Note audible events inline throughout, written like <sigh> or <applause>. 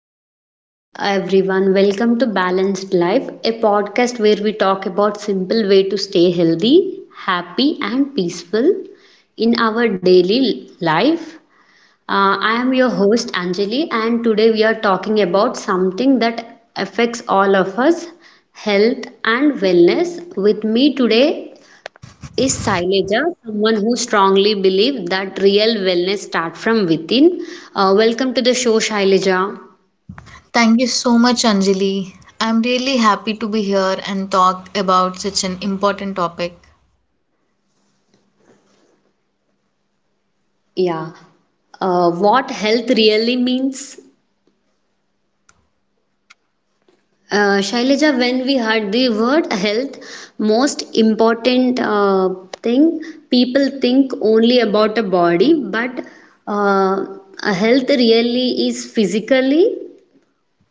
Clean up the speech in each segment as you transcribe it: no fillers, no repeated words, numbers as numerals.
Hello, everyone. Welcome to Balanced Life, a podcast where we talk about simple way to stay healthy, happy, and peaceful in our daily life. I am your host Anjali, and today we are talking about something that affects all of us, health and wellness. With me today is Saileja, someone who strongly believes that real wellness starts from within. Welcome to the show, Shaileja. Thank you so much, Anjali. I'm really happy to be here and talk about such an important topic. Yeah. What health really means? Shailaja, when we heard the word health, most important thing, people think only about a body, but uh, a health really is physically.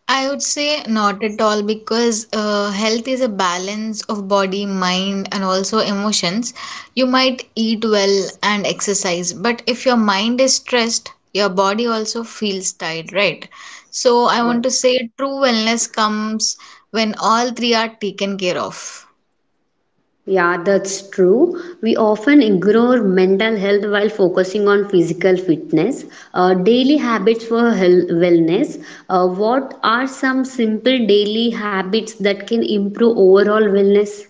I would say not at all because health is a balance of body, mind, and also emotions. You might eat well and exercise, but if your mind is stressed, your body also feels tired, right? So I want to say true wellness comes when all three are taken care of. Yeah, that's true. We often ignore mental health while focusing on physical fitness. Daily habits for health, wellness. What are some simple daily habits that can improve overall wellness?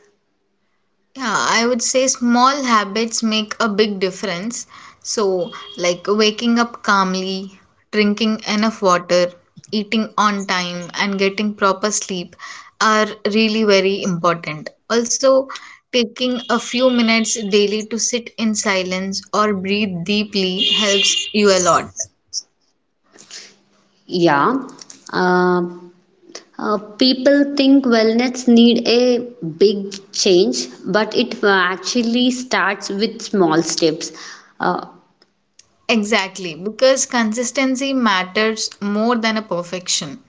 Yeah, I would say small habits make a big difference. So, like waking up calmly, drinking enough water, eating on time, and getting proper sleep are really very important. Also, taking a few minutes daily to sit in silence or breathe deeply helps you a lot. Yeah. Uh, People think wellness need a big change, but it actually starts with small steps. Uh, Exactly, because consistency matters more than a perfection.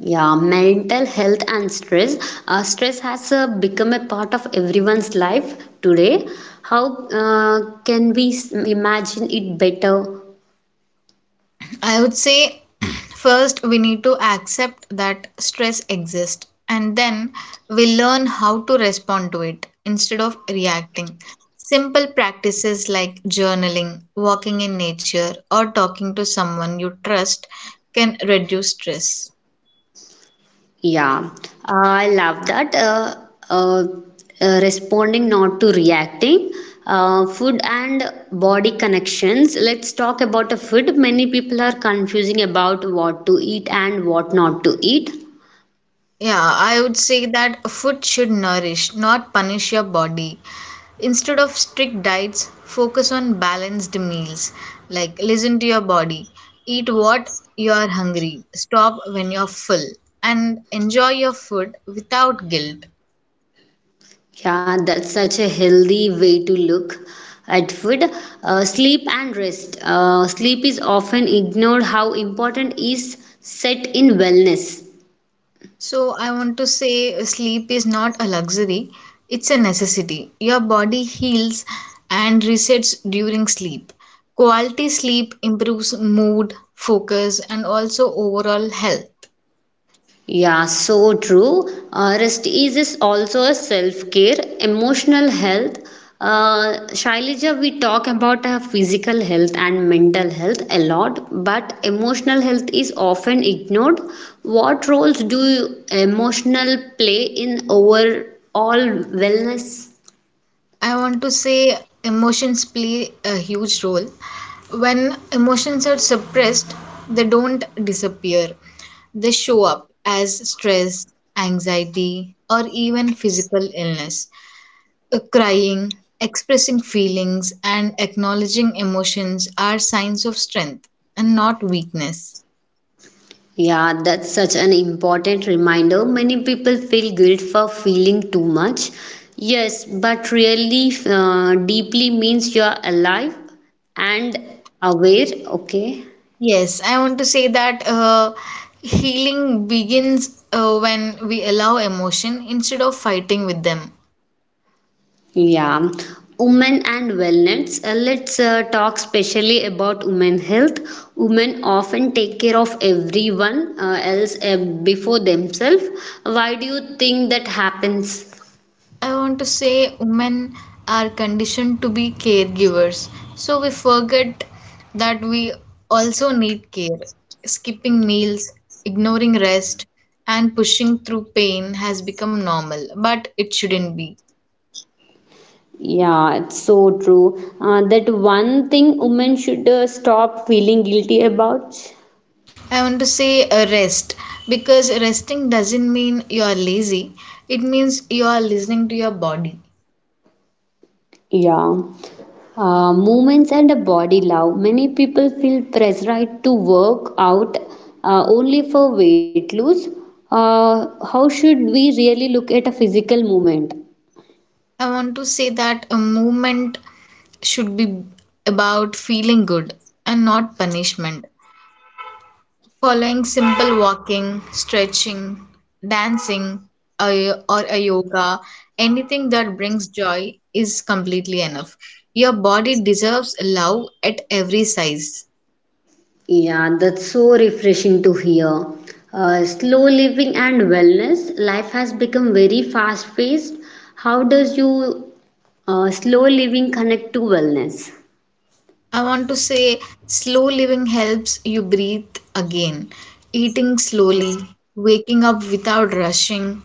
Yeah, mental health and stress. Stress has become a part of everyone's life today. How can we imagine it better? I would say <clears throat> first we need to accept that stress exists and then we learn how to respond to it instead of reacting. Simple practices like journaling, walking in nature, or talking to someone you trust can reduce stress. Yeah, I love that. Uh, Responding, not to reacting. Food and body connections. Let's talk about the food. Many people are confusing about what to eat and what not to eat. Yeah, I would say that food should nourish, not punish your body. Instead of strict diets, focus on balanced meals. Like, listen to your body, eat what you are hungry, stop when you're full, and enjoy your food without guilt. Yeah, that's such a healthy way to look at food. Sleep and rest. Sleep is often ignored, how important is set in wellness. So, I want to say sleep is not a luxury, it's a necessity. Your body heals and resets during sleep. Quality sleep improves mood, focus, and also overall health. Yeah, so true. Rest is also a self care, emotional health. Shailija, we talk about our physical health and mental health a lot, but emotional health is often ignored. What roles do emotional play in overall wellness? I want to say emotions play a huge role. When emotions are suppressed, they don't disappear, they show up as stress, anxiety, or even physical illness. Crying, expressing feelings, and acknowledging emotions are signs of strength and not weakness. Yeah, that's such an important reminder. Many people feel guilt for feeling too much. Yes, but really, deeply means you are alive and aware. Okay. Yes, I want to say that healing begins when we allow emotion instead of fighting with them. Yeah. Women and wellness. Let's talk specially about women health. Women often take care of everyone else before themselves. Why do you think that happens? I want to say women are conditioned to be caregivers. So we forget that we also need care. Skipping meals, ignoring rest, and pushing through pain has become normal, but it shouldn't be. Yeah, it's so true. That one thing women should stop feeling guilty about. I want to say rest because resting doesn't mean you are lazy, it means you are listening to your body. Yeah. Movements and a body love. Many people feel pressurized to work out only for weight loss. How should we really look at a physical movement? I want to say that a movement should be about feeling good and not punishment. Following simple walking, stretching, dancing, or a yoga, anything that brings joy is completely enough. Your body deserves love at every size. Yeah, that's so refreshing to hear. Slow living and wellness, life has become very fast paced. How does you slow living connect to wellness. I want to say slow living helps you breathe again. Eating slowly, waking up without rushing,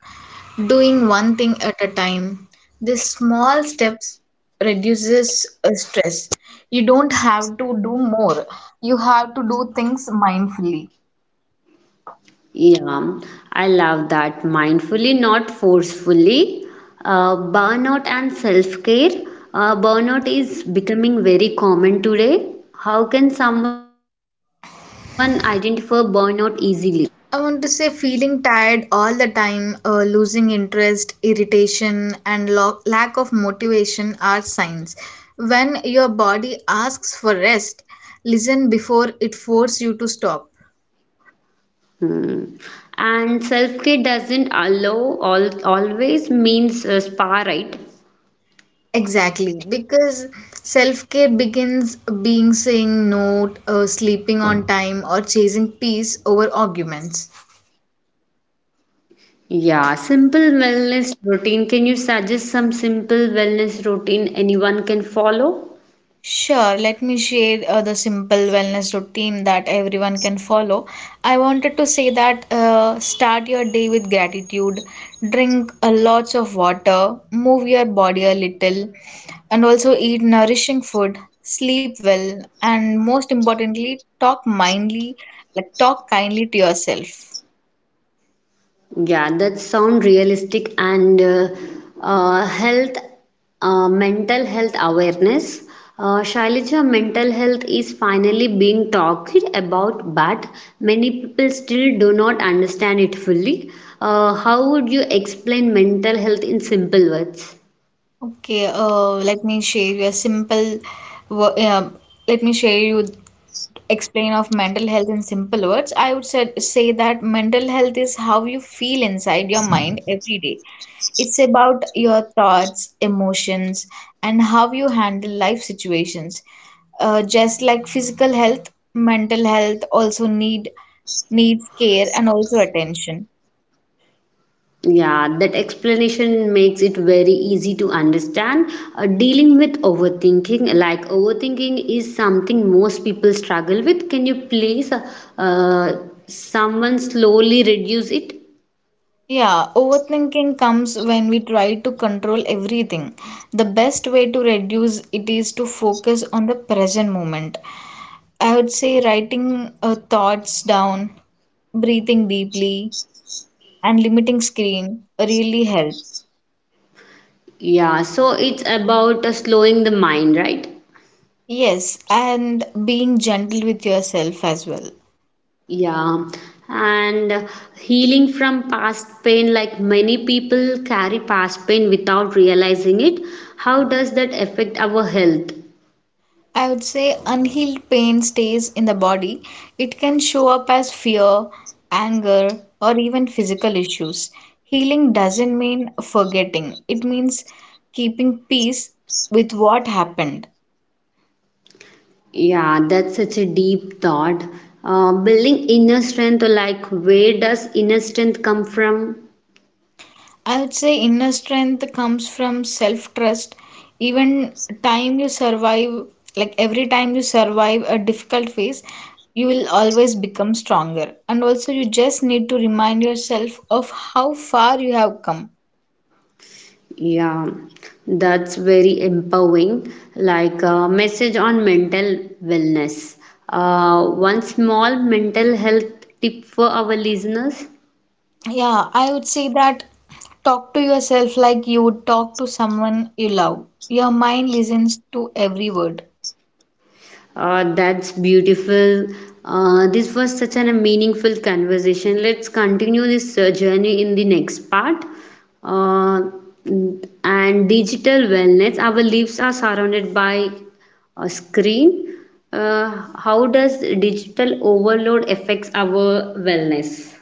doing one thing at a time. These small steps reduces stress. You don't have to do more. You have to do things mindfully. Yeah, I love that. Mindfully, not forcefully. Burnout and self care. Burnout is becoming very common today. How can someone identify burnout easily? I want to say feeling tired all the time, losing interest, irritation, and lack of motivation are signs. When your body asks for rest, listen before it forces you to stop. Hmm. And self care doesn't allow all, always means a spa, right? Exactly, because self care begins being saying no, sleeping on time, or chasing peace over arguments. Yeah, simple wellness routine. Can you suggest some simple wellness routine anyone can follow? Sure, let me share the simple wellness routine that everyone can follow. I wanted to say that start your day with gratitude, drink a lots of water, move your body a little, and also eat nourishing food, sleep well, and most importantly, talk mindly, like talk kindly to yourself. Yeah, that sound realistic and health, mental health awareness. Shailija, mental health is finally being talked about, but many people still do not understand it fully. How would you explain mental health in simple words? Okay, let me share you a simple, wo- um let me share you explain of mental health in simple words. I would say, say that mental health is how you feel inside your mind every day. It's about your thoughts, emotions, and how you handle life situations. Just like physical health, mental health also needs care and also attention. Yeah, that explanation makes it very easy to understand. Dealing with overthinking, like overthinking is something most people struggle with. Can you please someone slowly reduce it? Yeah, overthinking comes when we try to control everything. The best way to reduce it is to focus on the present moment. I would say writing thoughts down, breathing deeply, and limiting screen really help. Yeah, so it's about slowing the mind, right? Yes, and being gentle with yourself as well. Yeah, and healing from past pain, like many people carry past pain without realizing it. How does that affect our health? I would say unhealed pain stays in the body. It can show up as fear, anger, or even physical issues. Healing doesn't mean forgetting, it means keeping peace with what happened. Yeah, that's such a deep thought. Building inner strength, like where does inner strength come from? I would say inner strength comes from self trust. Even time you survive, like every time you survive a difficult phase, you will always become stronger. And also, you just need to remind yourself of how far you have come. Yeah, that's very empowering. Like a message on mental wellness. One small mental health tip for our listeners. Yeah, I would say that talk to yourself like you would talk to someone you love. Your mind listens to every word. That's beautiful. This was such an, a meaningful conversation. Let's continue this journey in the next part. Uh, and digital wellness. Our lives are surrounded by a screen. Uh, how does digital overload affects our wellness?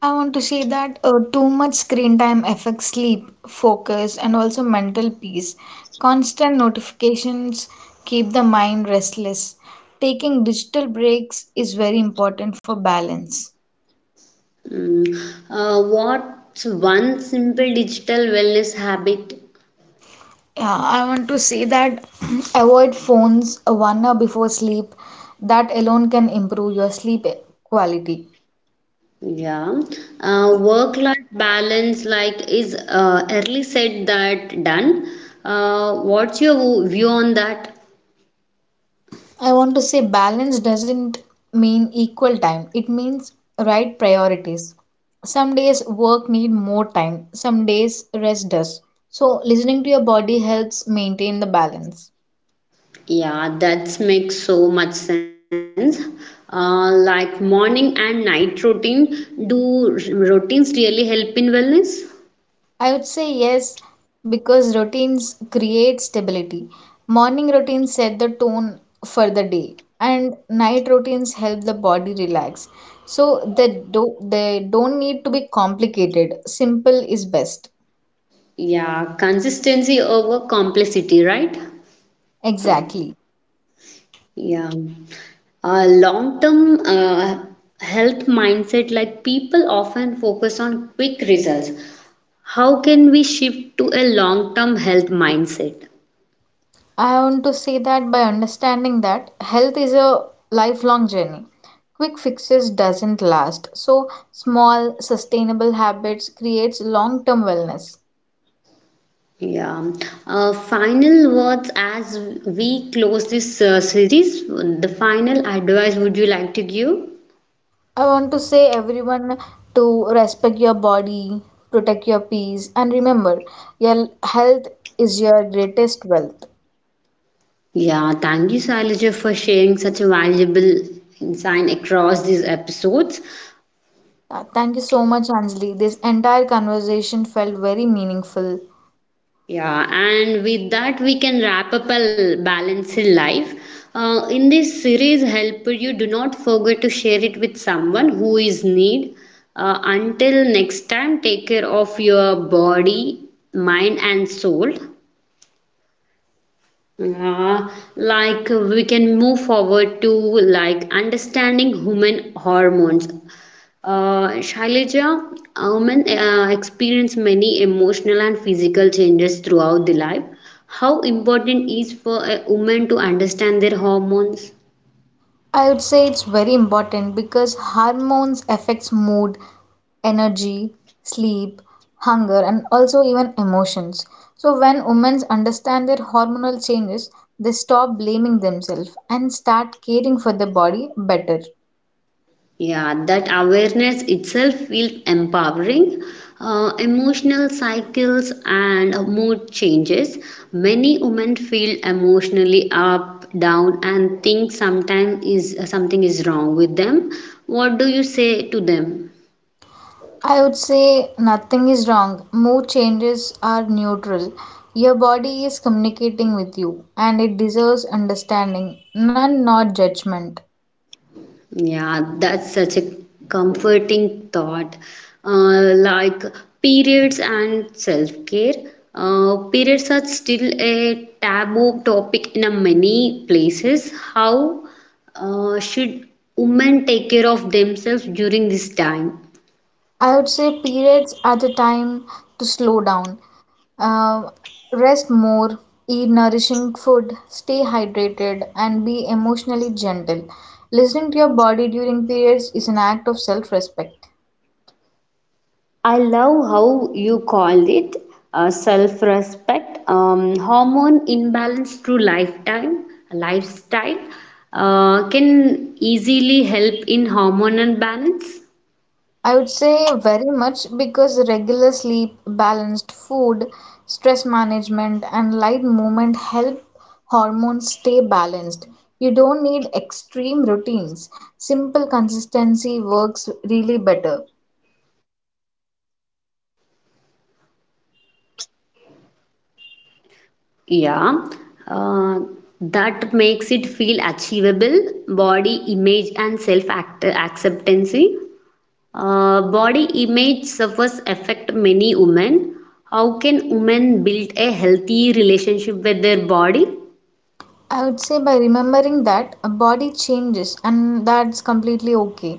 I want to say that too much screen time affects sleep, focus, and also mental peace. Constant notifications keep the mind restless. Taking digital breaks is very important for balance. Mm, what's one simple digital wellness habit? Yeah, I want to say that <clears throat> avoid phones 1 hour before sleep. That alone can improve your sleep quality. Yeah. Work-life balance, like is early said that done. What's your view on that? I want to say balance doesn't mean equal time. It means right priorities. Some days work need more time, some days rest does. So listening to your body helps maintain the balance. Yeah, that makes so much sense. Like morning and night routine, do routines really help in wellness? I would say yes because routines create stability. Morning routines set the tone for the day and night routines help the body relax. So they don't need to be complicated. Simple is best. Yeah, consistency over complexity, right? Exactly. Yeah. Long-term health mindset, like people often focus on quick results. How can we shift to a long term health mindset? I want to say that by understanding that health is a lifelong journey. Quick fixes doesn't last. So small sustainable habits creates long-term wellness. Yeah. Final words, as we close this series. The final advice would you like to give? I want to say everyone to respect your body, protect your peace and remember your health is your greatest wealth. Yeah. Thank you, Sailaja, for sharing such a valuable insight across these episodes. Thank you so much, Anjali. This entire conversation felt very meaningful. Yeah, and with that, we can wrap up a balanced life. In this series, help you do not forget to share it with someone who is need. Until next time, take care of your body, mind, and soul. Uh, like we can move forward to like understanding human hormones. Shailaja, women experience many emotional and physical changes throughout the life. How important is for a woman to understand their hormones? I would say it's very important because hormones affects mood, energy, sleep, hunger and also even emotions. So when women understand their hormonal changes, they stop blaming themselves and start caring for their body better. Yeah, that awareness itself feels empowering. Emotional cycles and mood changes. Many women feel emotionally up, down, and think sometimes is something is wrong with them. What do you say to them? I would say nothing is wrong. Mood changes are neutral. Your body is communicating with you and it deserves understanding, none not judgment. Yeah, that's such a comforting thought. Like periods and self-care. Periods are still a taboo topic in a many places. How should women take care of themselves during this time? I would say periods are the time to slow down, uh, rest more, eat nourishing food, stay hydrated, and be emotionally gentle. Listening to your body during periods is an act of self respect. I love how you called it self respect, hormone imbalance through lifetime, lifestyle can easily help in hormonal balance. I would say very much because regular sleep, balanced food, stress management, and light movement help hormones stay balanced. You don't need extreme routines, simple consistency works really better. Yeah, uh, that makes it feel achievable, body image and acceptance. Body image suffers affect many women. How can women build a healthy relationship with their body? I would say by remembering that a body changes and that's completely okay.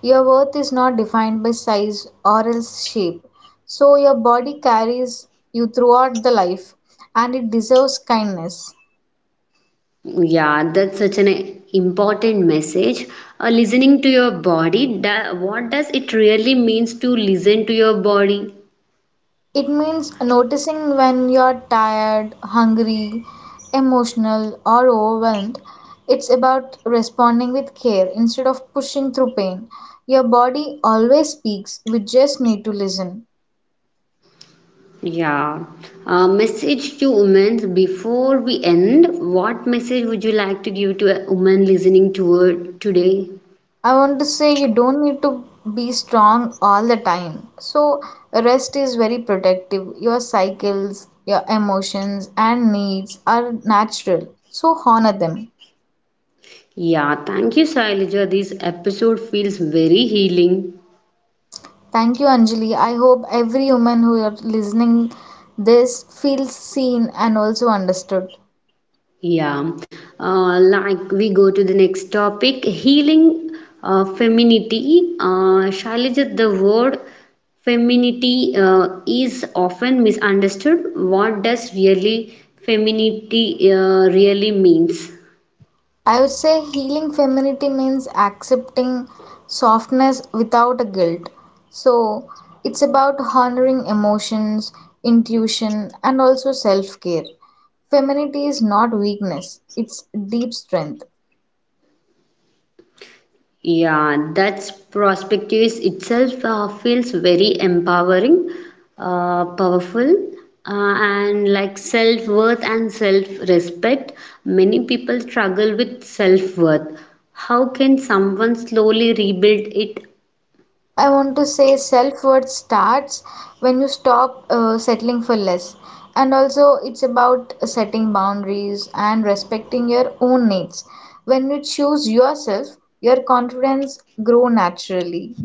Your worth is not defined by size or else shape. So your body carries you throughout the life and it deserves kindness. Yeah, that's such an important message. Listening to your body, what does it really means to listen to your body? It means noticing when you're tired, hungry, emotional, or overwhelmed. It's about responding with care instead of pushing through pain. Your body always speaks, we just need to listen. Yeah. Message to women before we end, what message would you like to give to a woman listening to her today? I want to say you don't need to be strong all the time. So, rest is very protective. Your cycles, your emotions, and needs are natural. So, honor them. Yeah, thank you, Sailaja. This episode feels very healing. Thank you, Anjali. I hope every woman who are listening this feels seen and also understood. Yeah, like we go to the next topic healing femininity. Shailaja, the word femininity is often misunderstood. What does really femininity really means? I would say healing femininity means accepting softness without a guilt. So it's about honoring emotions, intuition, and also self care. Femininity is not weakness, it's deep strength. Yeah, that's prospectus itself feels very empowering, powerful, and like self worth and self respect. Many people struggle with self worth. How can someone slowly rebuild it? I want to say self worth starts when you stop settling for less. And also, it's about setting boundaries and respecting your own needs. When you choose yourself, your confidence grow naturally.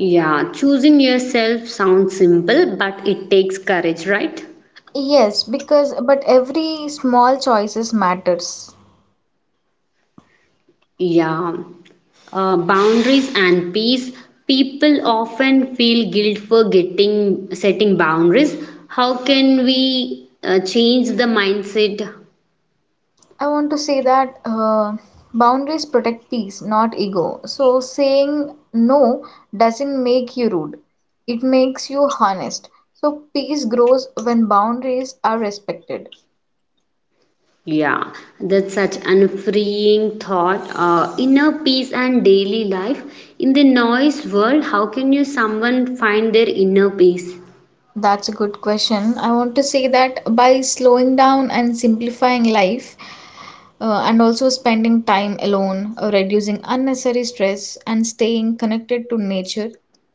Yeah, choosing yourself sounds simple, but it takes courage, right? Yes, because but every small choices matters. Yeah. Boundaries and peace, people often feel guilt for getting setting boundaries, how can we change the mindset? I want to say that boundaries protect peace, not ego. So saying no doesn't make you rude. It makes you honest. So peace grows when boundaries are respected. Yeah, that's such an freeing thought. Inner peace and daily life in the noise world, how can you someone find their inner peace? That's a good question. I want to say that by slowing down and simplifying life, and also spending time alone, reducing unnecessary stress, and staying connected to nature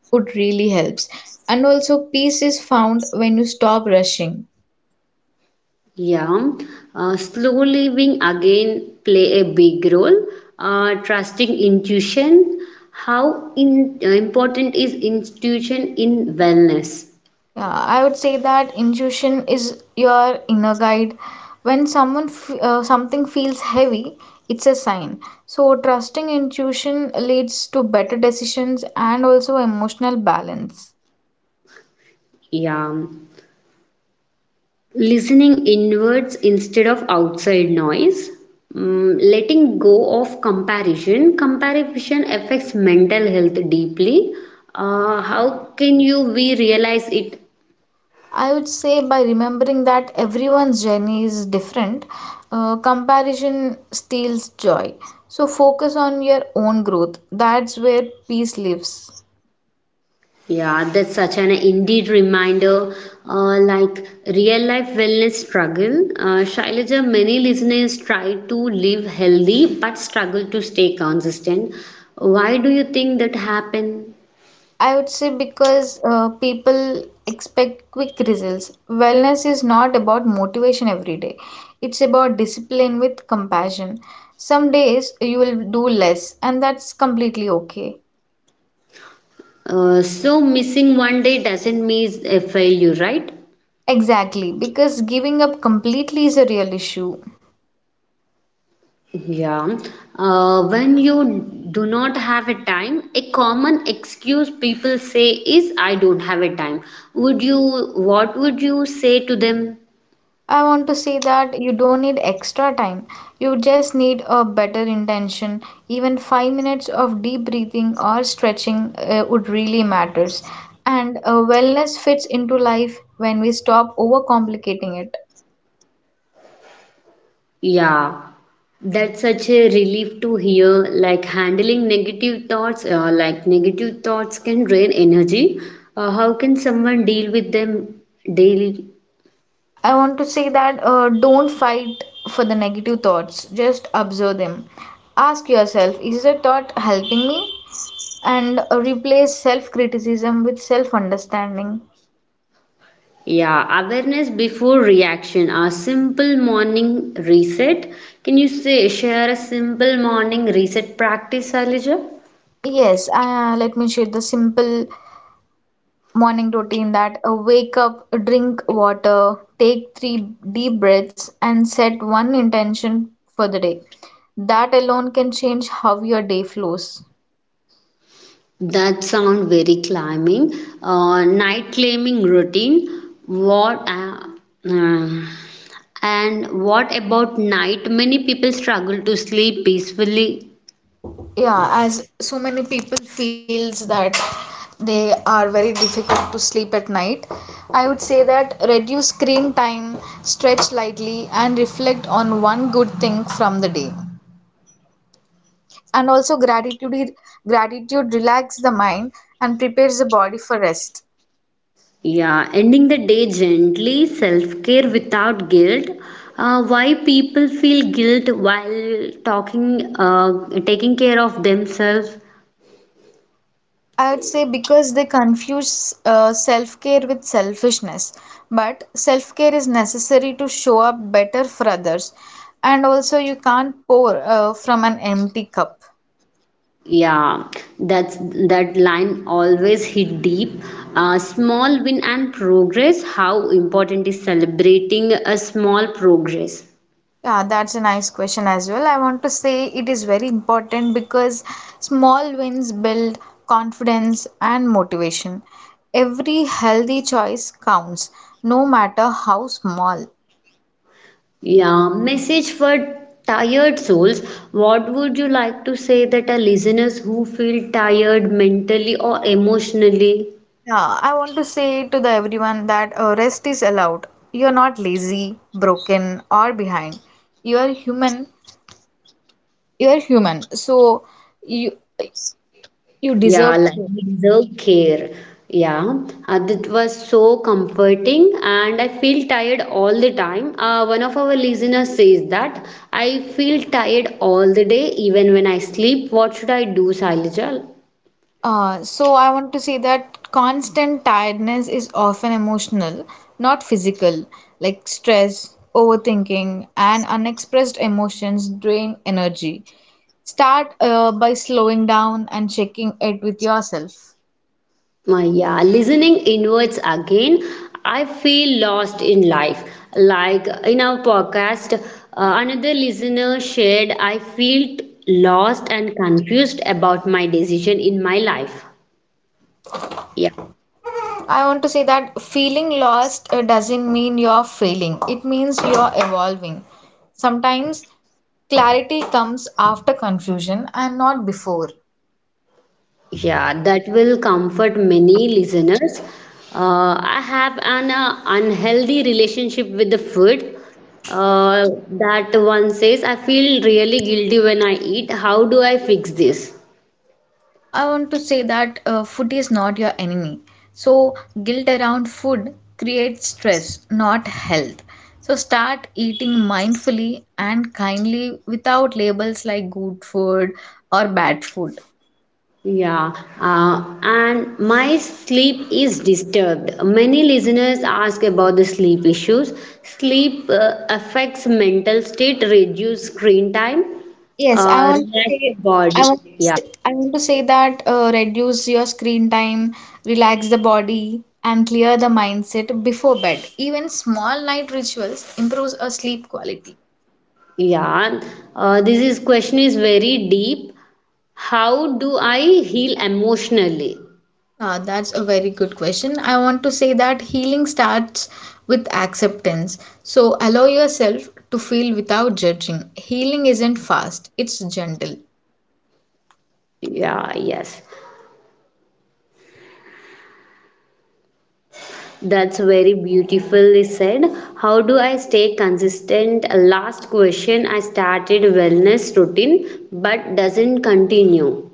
would really helps. And also, peace is found when you stop rushing. Yeah, slow living again play a big role. Trusting intuition. How important is intuition in wellness? Yeah, I would say that intuition is your inner guide. When something feels heavy, it's a sign. So trusting intuition leads to better decisions and also emotional balance. Yeah, listening inwards instead of outside noise. Mm, letting go of comparison. Comparison affects mental health deeply. How can you we realize it? I would say by remembering that everyone's journey is different, comparison steals joy. So focus on your own growth. That's where peace lives. Yeah, that's such an indeed reminder. Like real life wellness struggle, Shailaja, many listeners try to live healthy but struggle to stay consistent. Why do you think that happen? I would say because people expect quick results. Wellness is not about motivation every day, it's about discipline with compassion. Some days you will do less, and that's completely okay. So missing one day doesn't mean a failure, right? Exactly, because giving up completely is a real issue. Yeah. When you do not have a time, a common excuse people say is, I don't have a time. What would you say to them? I want to say that you don't need extra time. You just need a better intention. Even 5 minutes of deep breathing or stretching would really matters. And wellness fits into life when we stop overcomplicating it. Yeah. That's such a relief to hear. Like handling negative thoughts, like negative thoughts can drain energy. How can someone deal with them daily? I want to say that don't fight for the negative thoughts. Just observe them. Ask yourself, is the thought helping me? And replace self criticism with self understanding. Yeah, awareness before reaction. A simple morning reset. Can you say share a simple morning reset practice, Alija? Yes, let me share the simple morning routine that wake up, drink water, take three deep breaths, and set one intention for the day. That alone can change how your day flows. That sound very climbing. Night claiming routine. What? Uh, And what about night? Many people struggle to sleep peacefully. Yeah, as so many people feels that they are very difficult to sleep at night. I would say that reduce screen time, stretch lightly, and reflect on one good thing from the day. And also gratitude relax the mind and prepares the body for rest. Yeah, ending the day gently, self care without guilt. Why people feel guilt while taking care of themselves? I would say because they confuse self care with selfishness. But self care is necessary to show up better for others. And also, you can't pour from an empty cup. Yeah, that's that line always hit deep. Small win and progress. How important is celebrating a small progress? Yeah, that's a nice question as well. I want to say it is very important because small wins build confidence and motivation. Every healthy choice counts, no matter how small. Yeah, message for tired souls. What would you like to say that our listeners who feel tired mentally or emotionally? Yeah, I want to say to the everyone that rest is allowed. You're not lazy, broken, or behind. You're human. You're human. So you you Yeah, deserve like to. we deserve care. Yeah, that was so comforting, and I feel tired all the time. One of our listeners says that I feel tired all the day, even when I sleep. What should I do, Sailijal? So I want to say that constant tiredness is often emotional, not physical. Like stress, overthinking, and unexpressed emotions drain energy. Start by slowing down and checking it with yourself. My yeah, listening inwards again. I feel lost in life. Like in our podcast, another listener shared, I felt lost and confused about my decision in my life. Yeah, I want to say that feeling lost doesn't mean you're failing, it means you're evolving. Sometimes clarity comes after confusion and not before. yeah, that will comfort many listeners. I have an unhealthy relationship with the food. Uh, that one says, I feel really guilty when I eat. How do I fix this? I want to say that food is not your enemy. So, guilt around food creates stress, not health. So, start eating mindfully and kindly without labels like good food or bad food. Yeah, and my sleep is disturbed. Many listeners ask about the sleep issues. Sleep affects mental state, reduce screen time, Yes, relax the body. Yeah, I want to say that reduce your screen time, relax the body, and clear the mindset before bed. Even small night rituals improves our sleep quality. yeah. This is question is very deep. How do I heal emotionally? Ah, that's a very good question. I want to say that healing starts with acceptance. So allow yourself to feel without judging. Healing isn't fast, it's gentle. Yeah, yes. That's very beautifully said. How do I stay consistent? Last question, I started wellness routine but doesn't continue.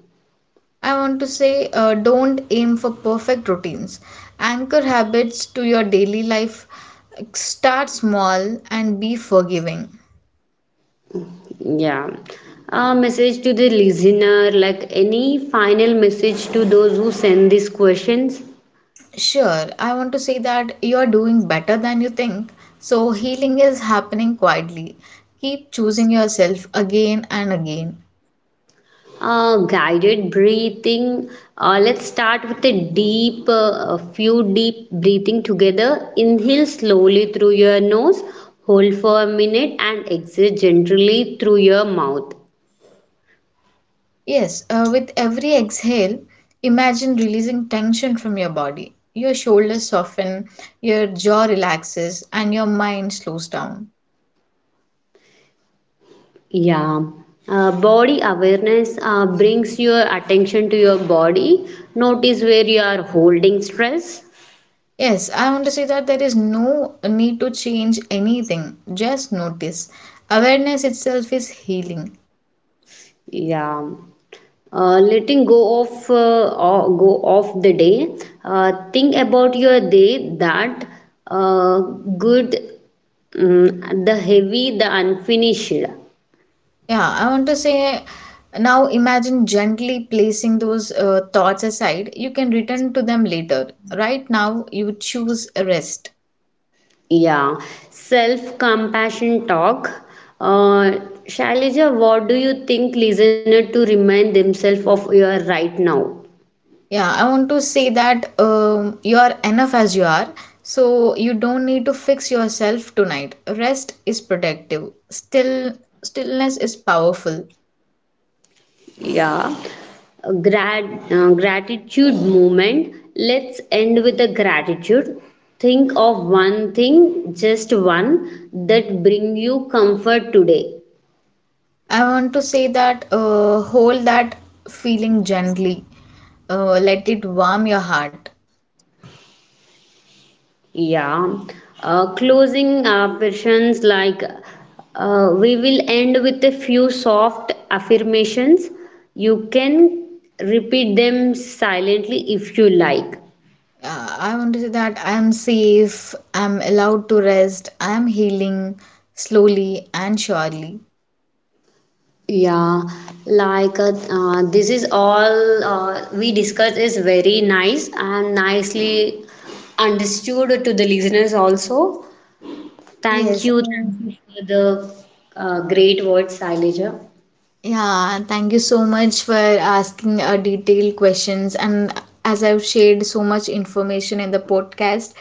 I want to say don't aim for perfect routines. Anchor habits to your daily life. Start small and be forgiving. Yeah. A message to the listener, like any final message to those who send these questions? Sure, I want to say that you are doing better than you think. So, healing is happening quietly. Keep choosing yourself again and again. Guided breathing. Let's start with a few deep breathing together. Inhale slowly through your nose, hold for a minute, and exhale gently through your mouth. Yes, with every exhale, imagine releasing tension from your body. Your shoulders soften, your jaw relaxes, and your mind slows down. Yeah. Body awareness brings your attention to your body. Notice where you are holding stress. Yes, I want to say that there is no need to change anything. Just notice. Awareness itself is healing. Yeah. Letting go of the day, think about your day that uh, good, mm, the heavy, the unfinished. Yeah, I want to say now imagine gently placing those thoughts aside. You can return to them later. Right now, you choose rest. Yeah, self compassion talk. uh, Shailaja, what do you think listener to remind themselves of your right now? Yeah, I want to say that you are enough as you are. So you don't need to fix yourself tonight. Rest is protective. Still, stillness is powerful. Yeah. Gratitude movement. Let's end with the gratitude. Think of one thing, just one, that bring you comfort today. I want to say that hold that feeling gently. Let it warm your heart. Yeah. Closing affirmations, like we will end with a few soft affirmations. You can repeat them silently if you like. I want to say that I am safe, I am allowed to rest, I am healing slowly and surely. Yeah, like this is all we discussed is very nice and nicely understood to the listeners also. Yes. Uh, Thank you for the great words, Saileja. Yeah, thank you so much for asking detailed questions. And as I've shared so much information in the podcast,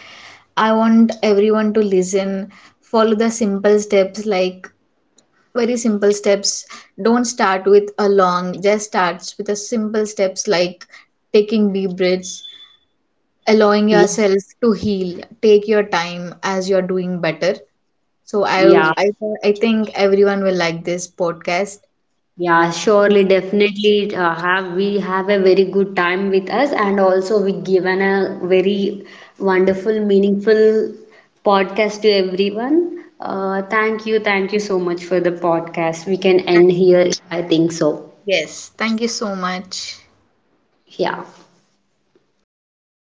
I want everyone to listen, follow the simple steps like very simple steps. Don't start with a long, just starts with a simple steps like taking deep breaths, allowing Yeah, yourself to heal, take your time as you're doing better. So I yeah. I I think everyone will like this podcast. Yeah, Yes. surely, definitely have we have a very good time with us, and also we given a very wonderful, meaningful podcast to everyone. Thank you, thank you so much for the podcast. We can end here, I think so. Yes, thank you so much. Yeah.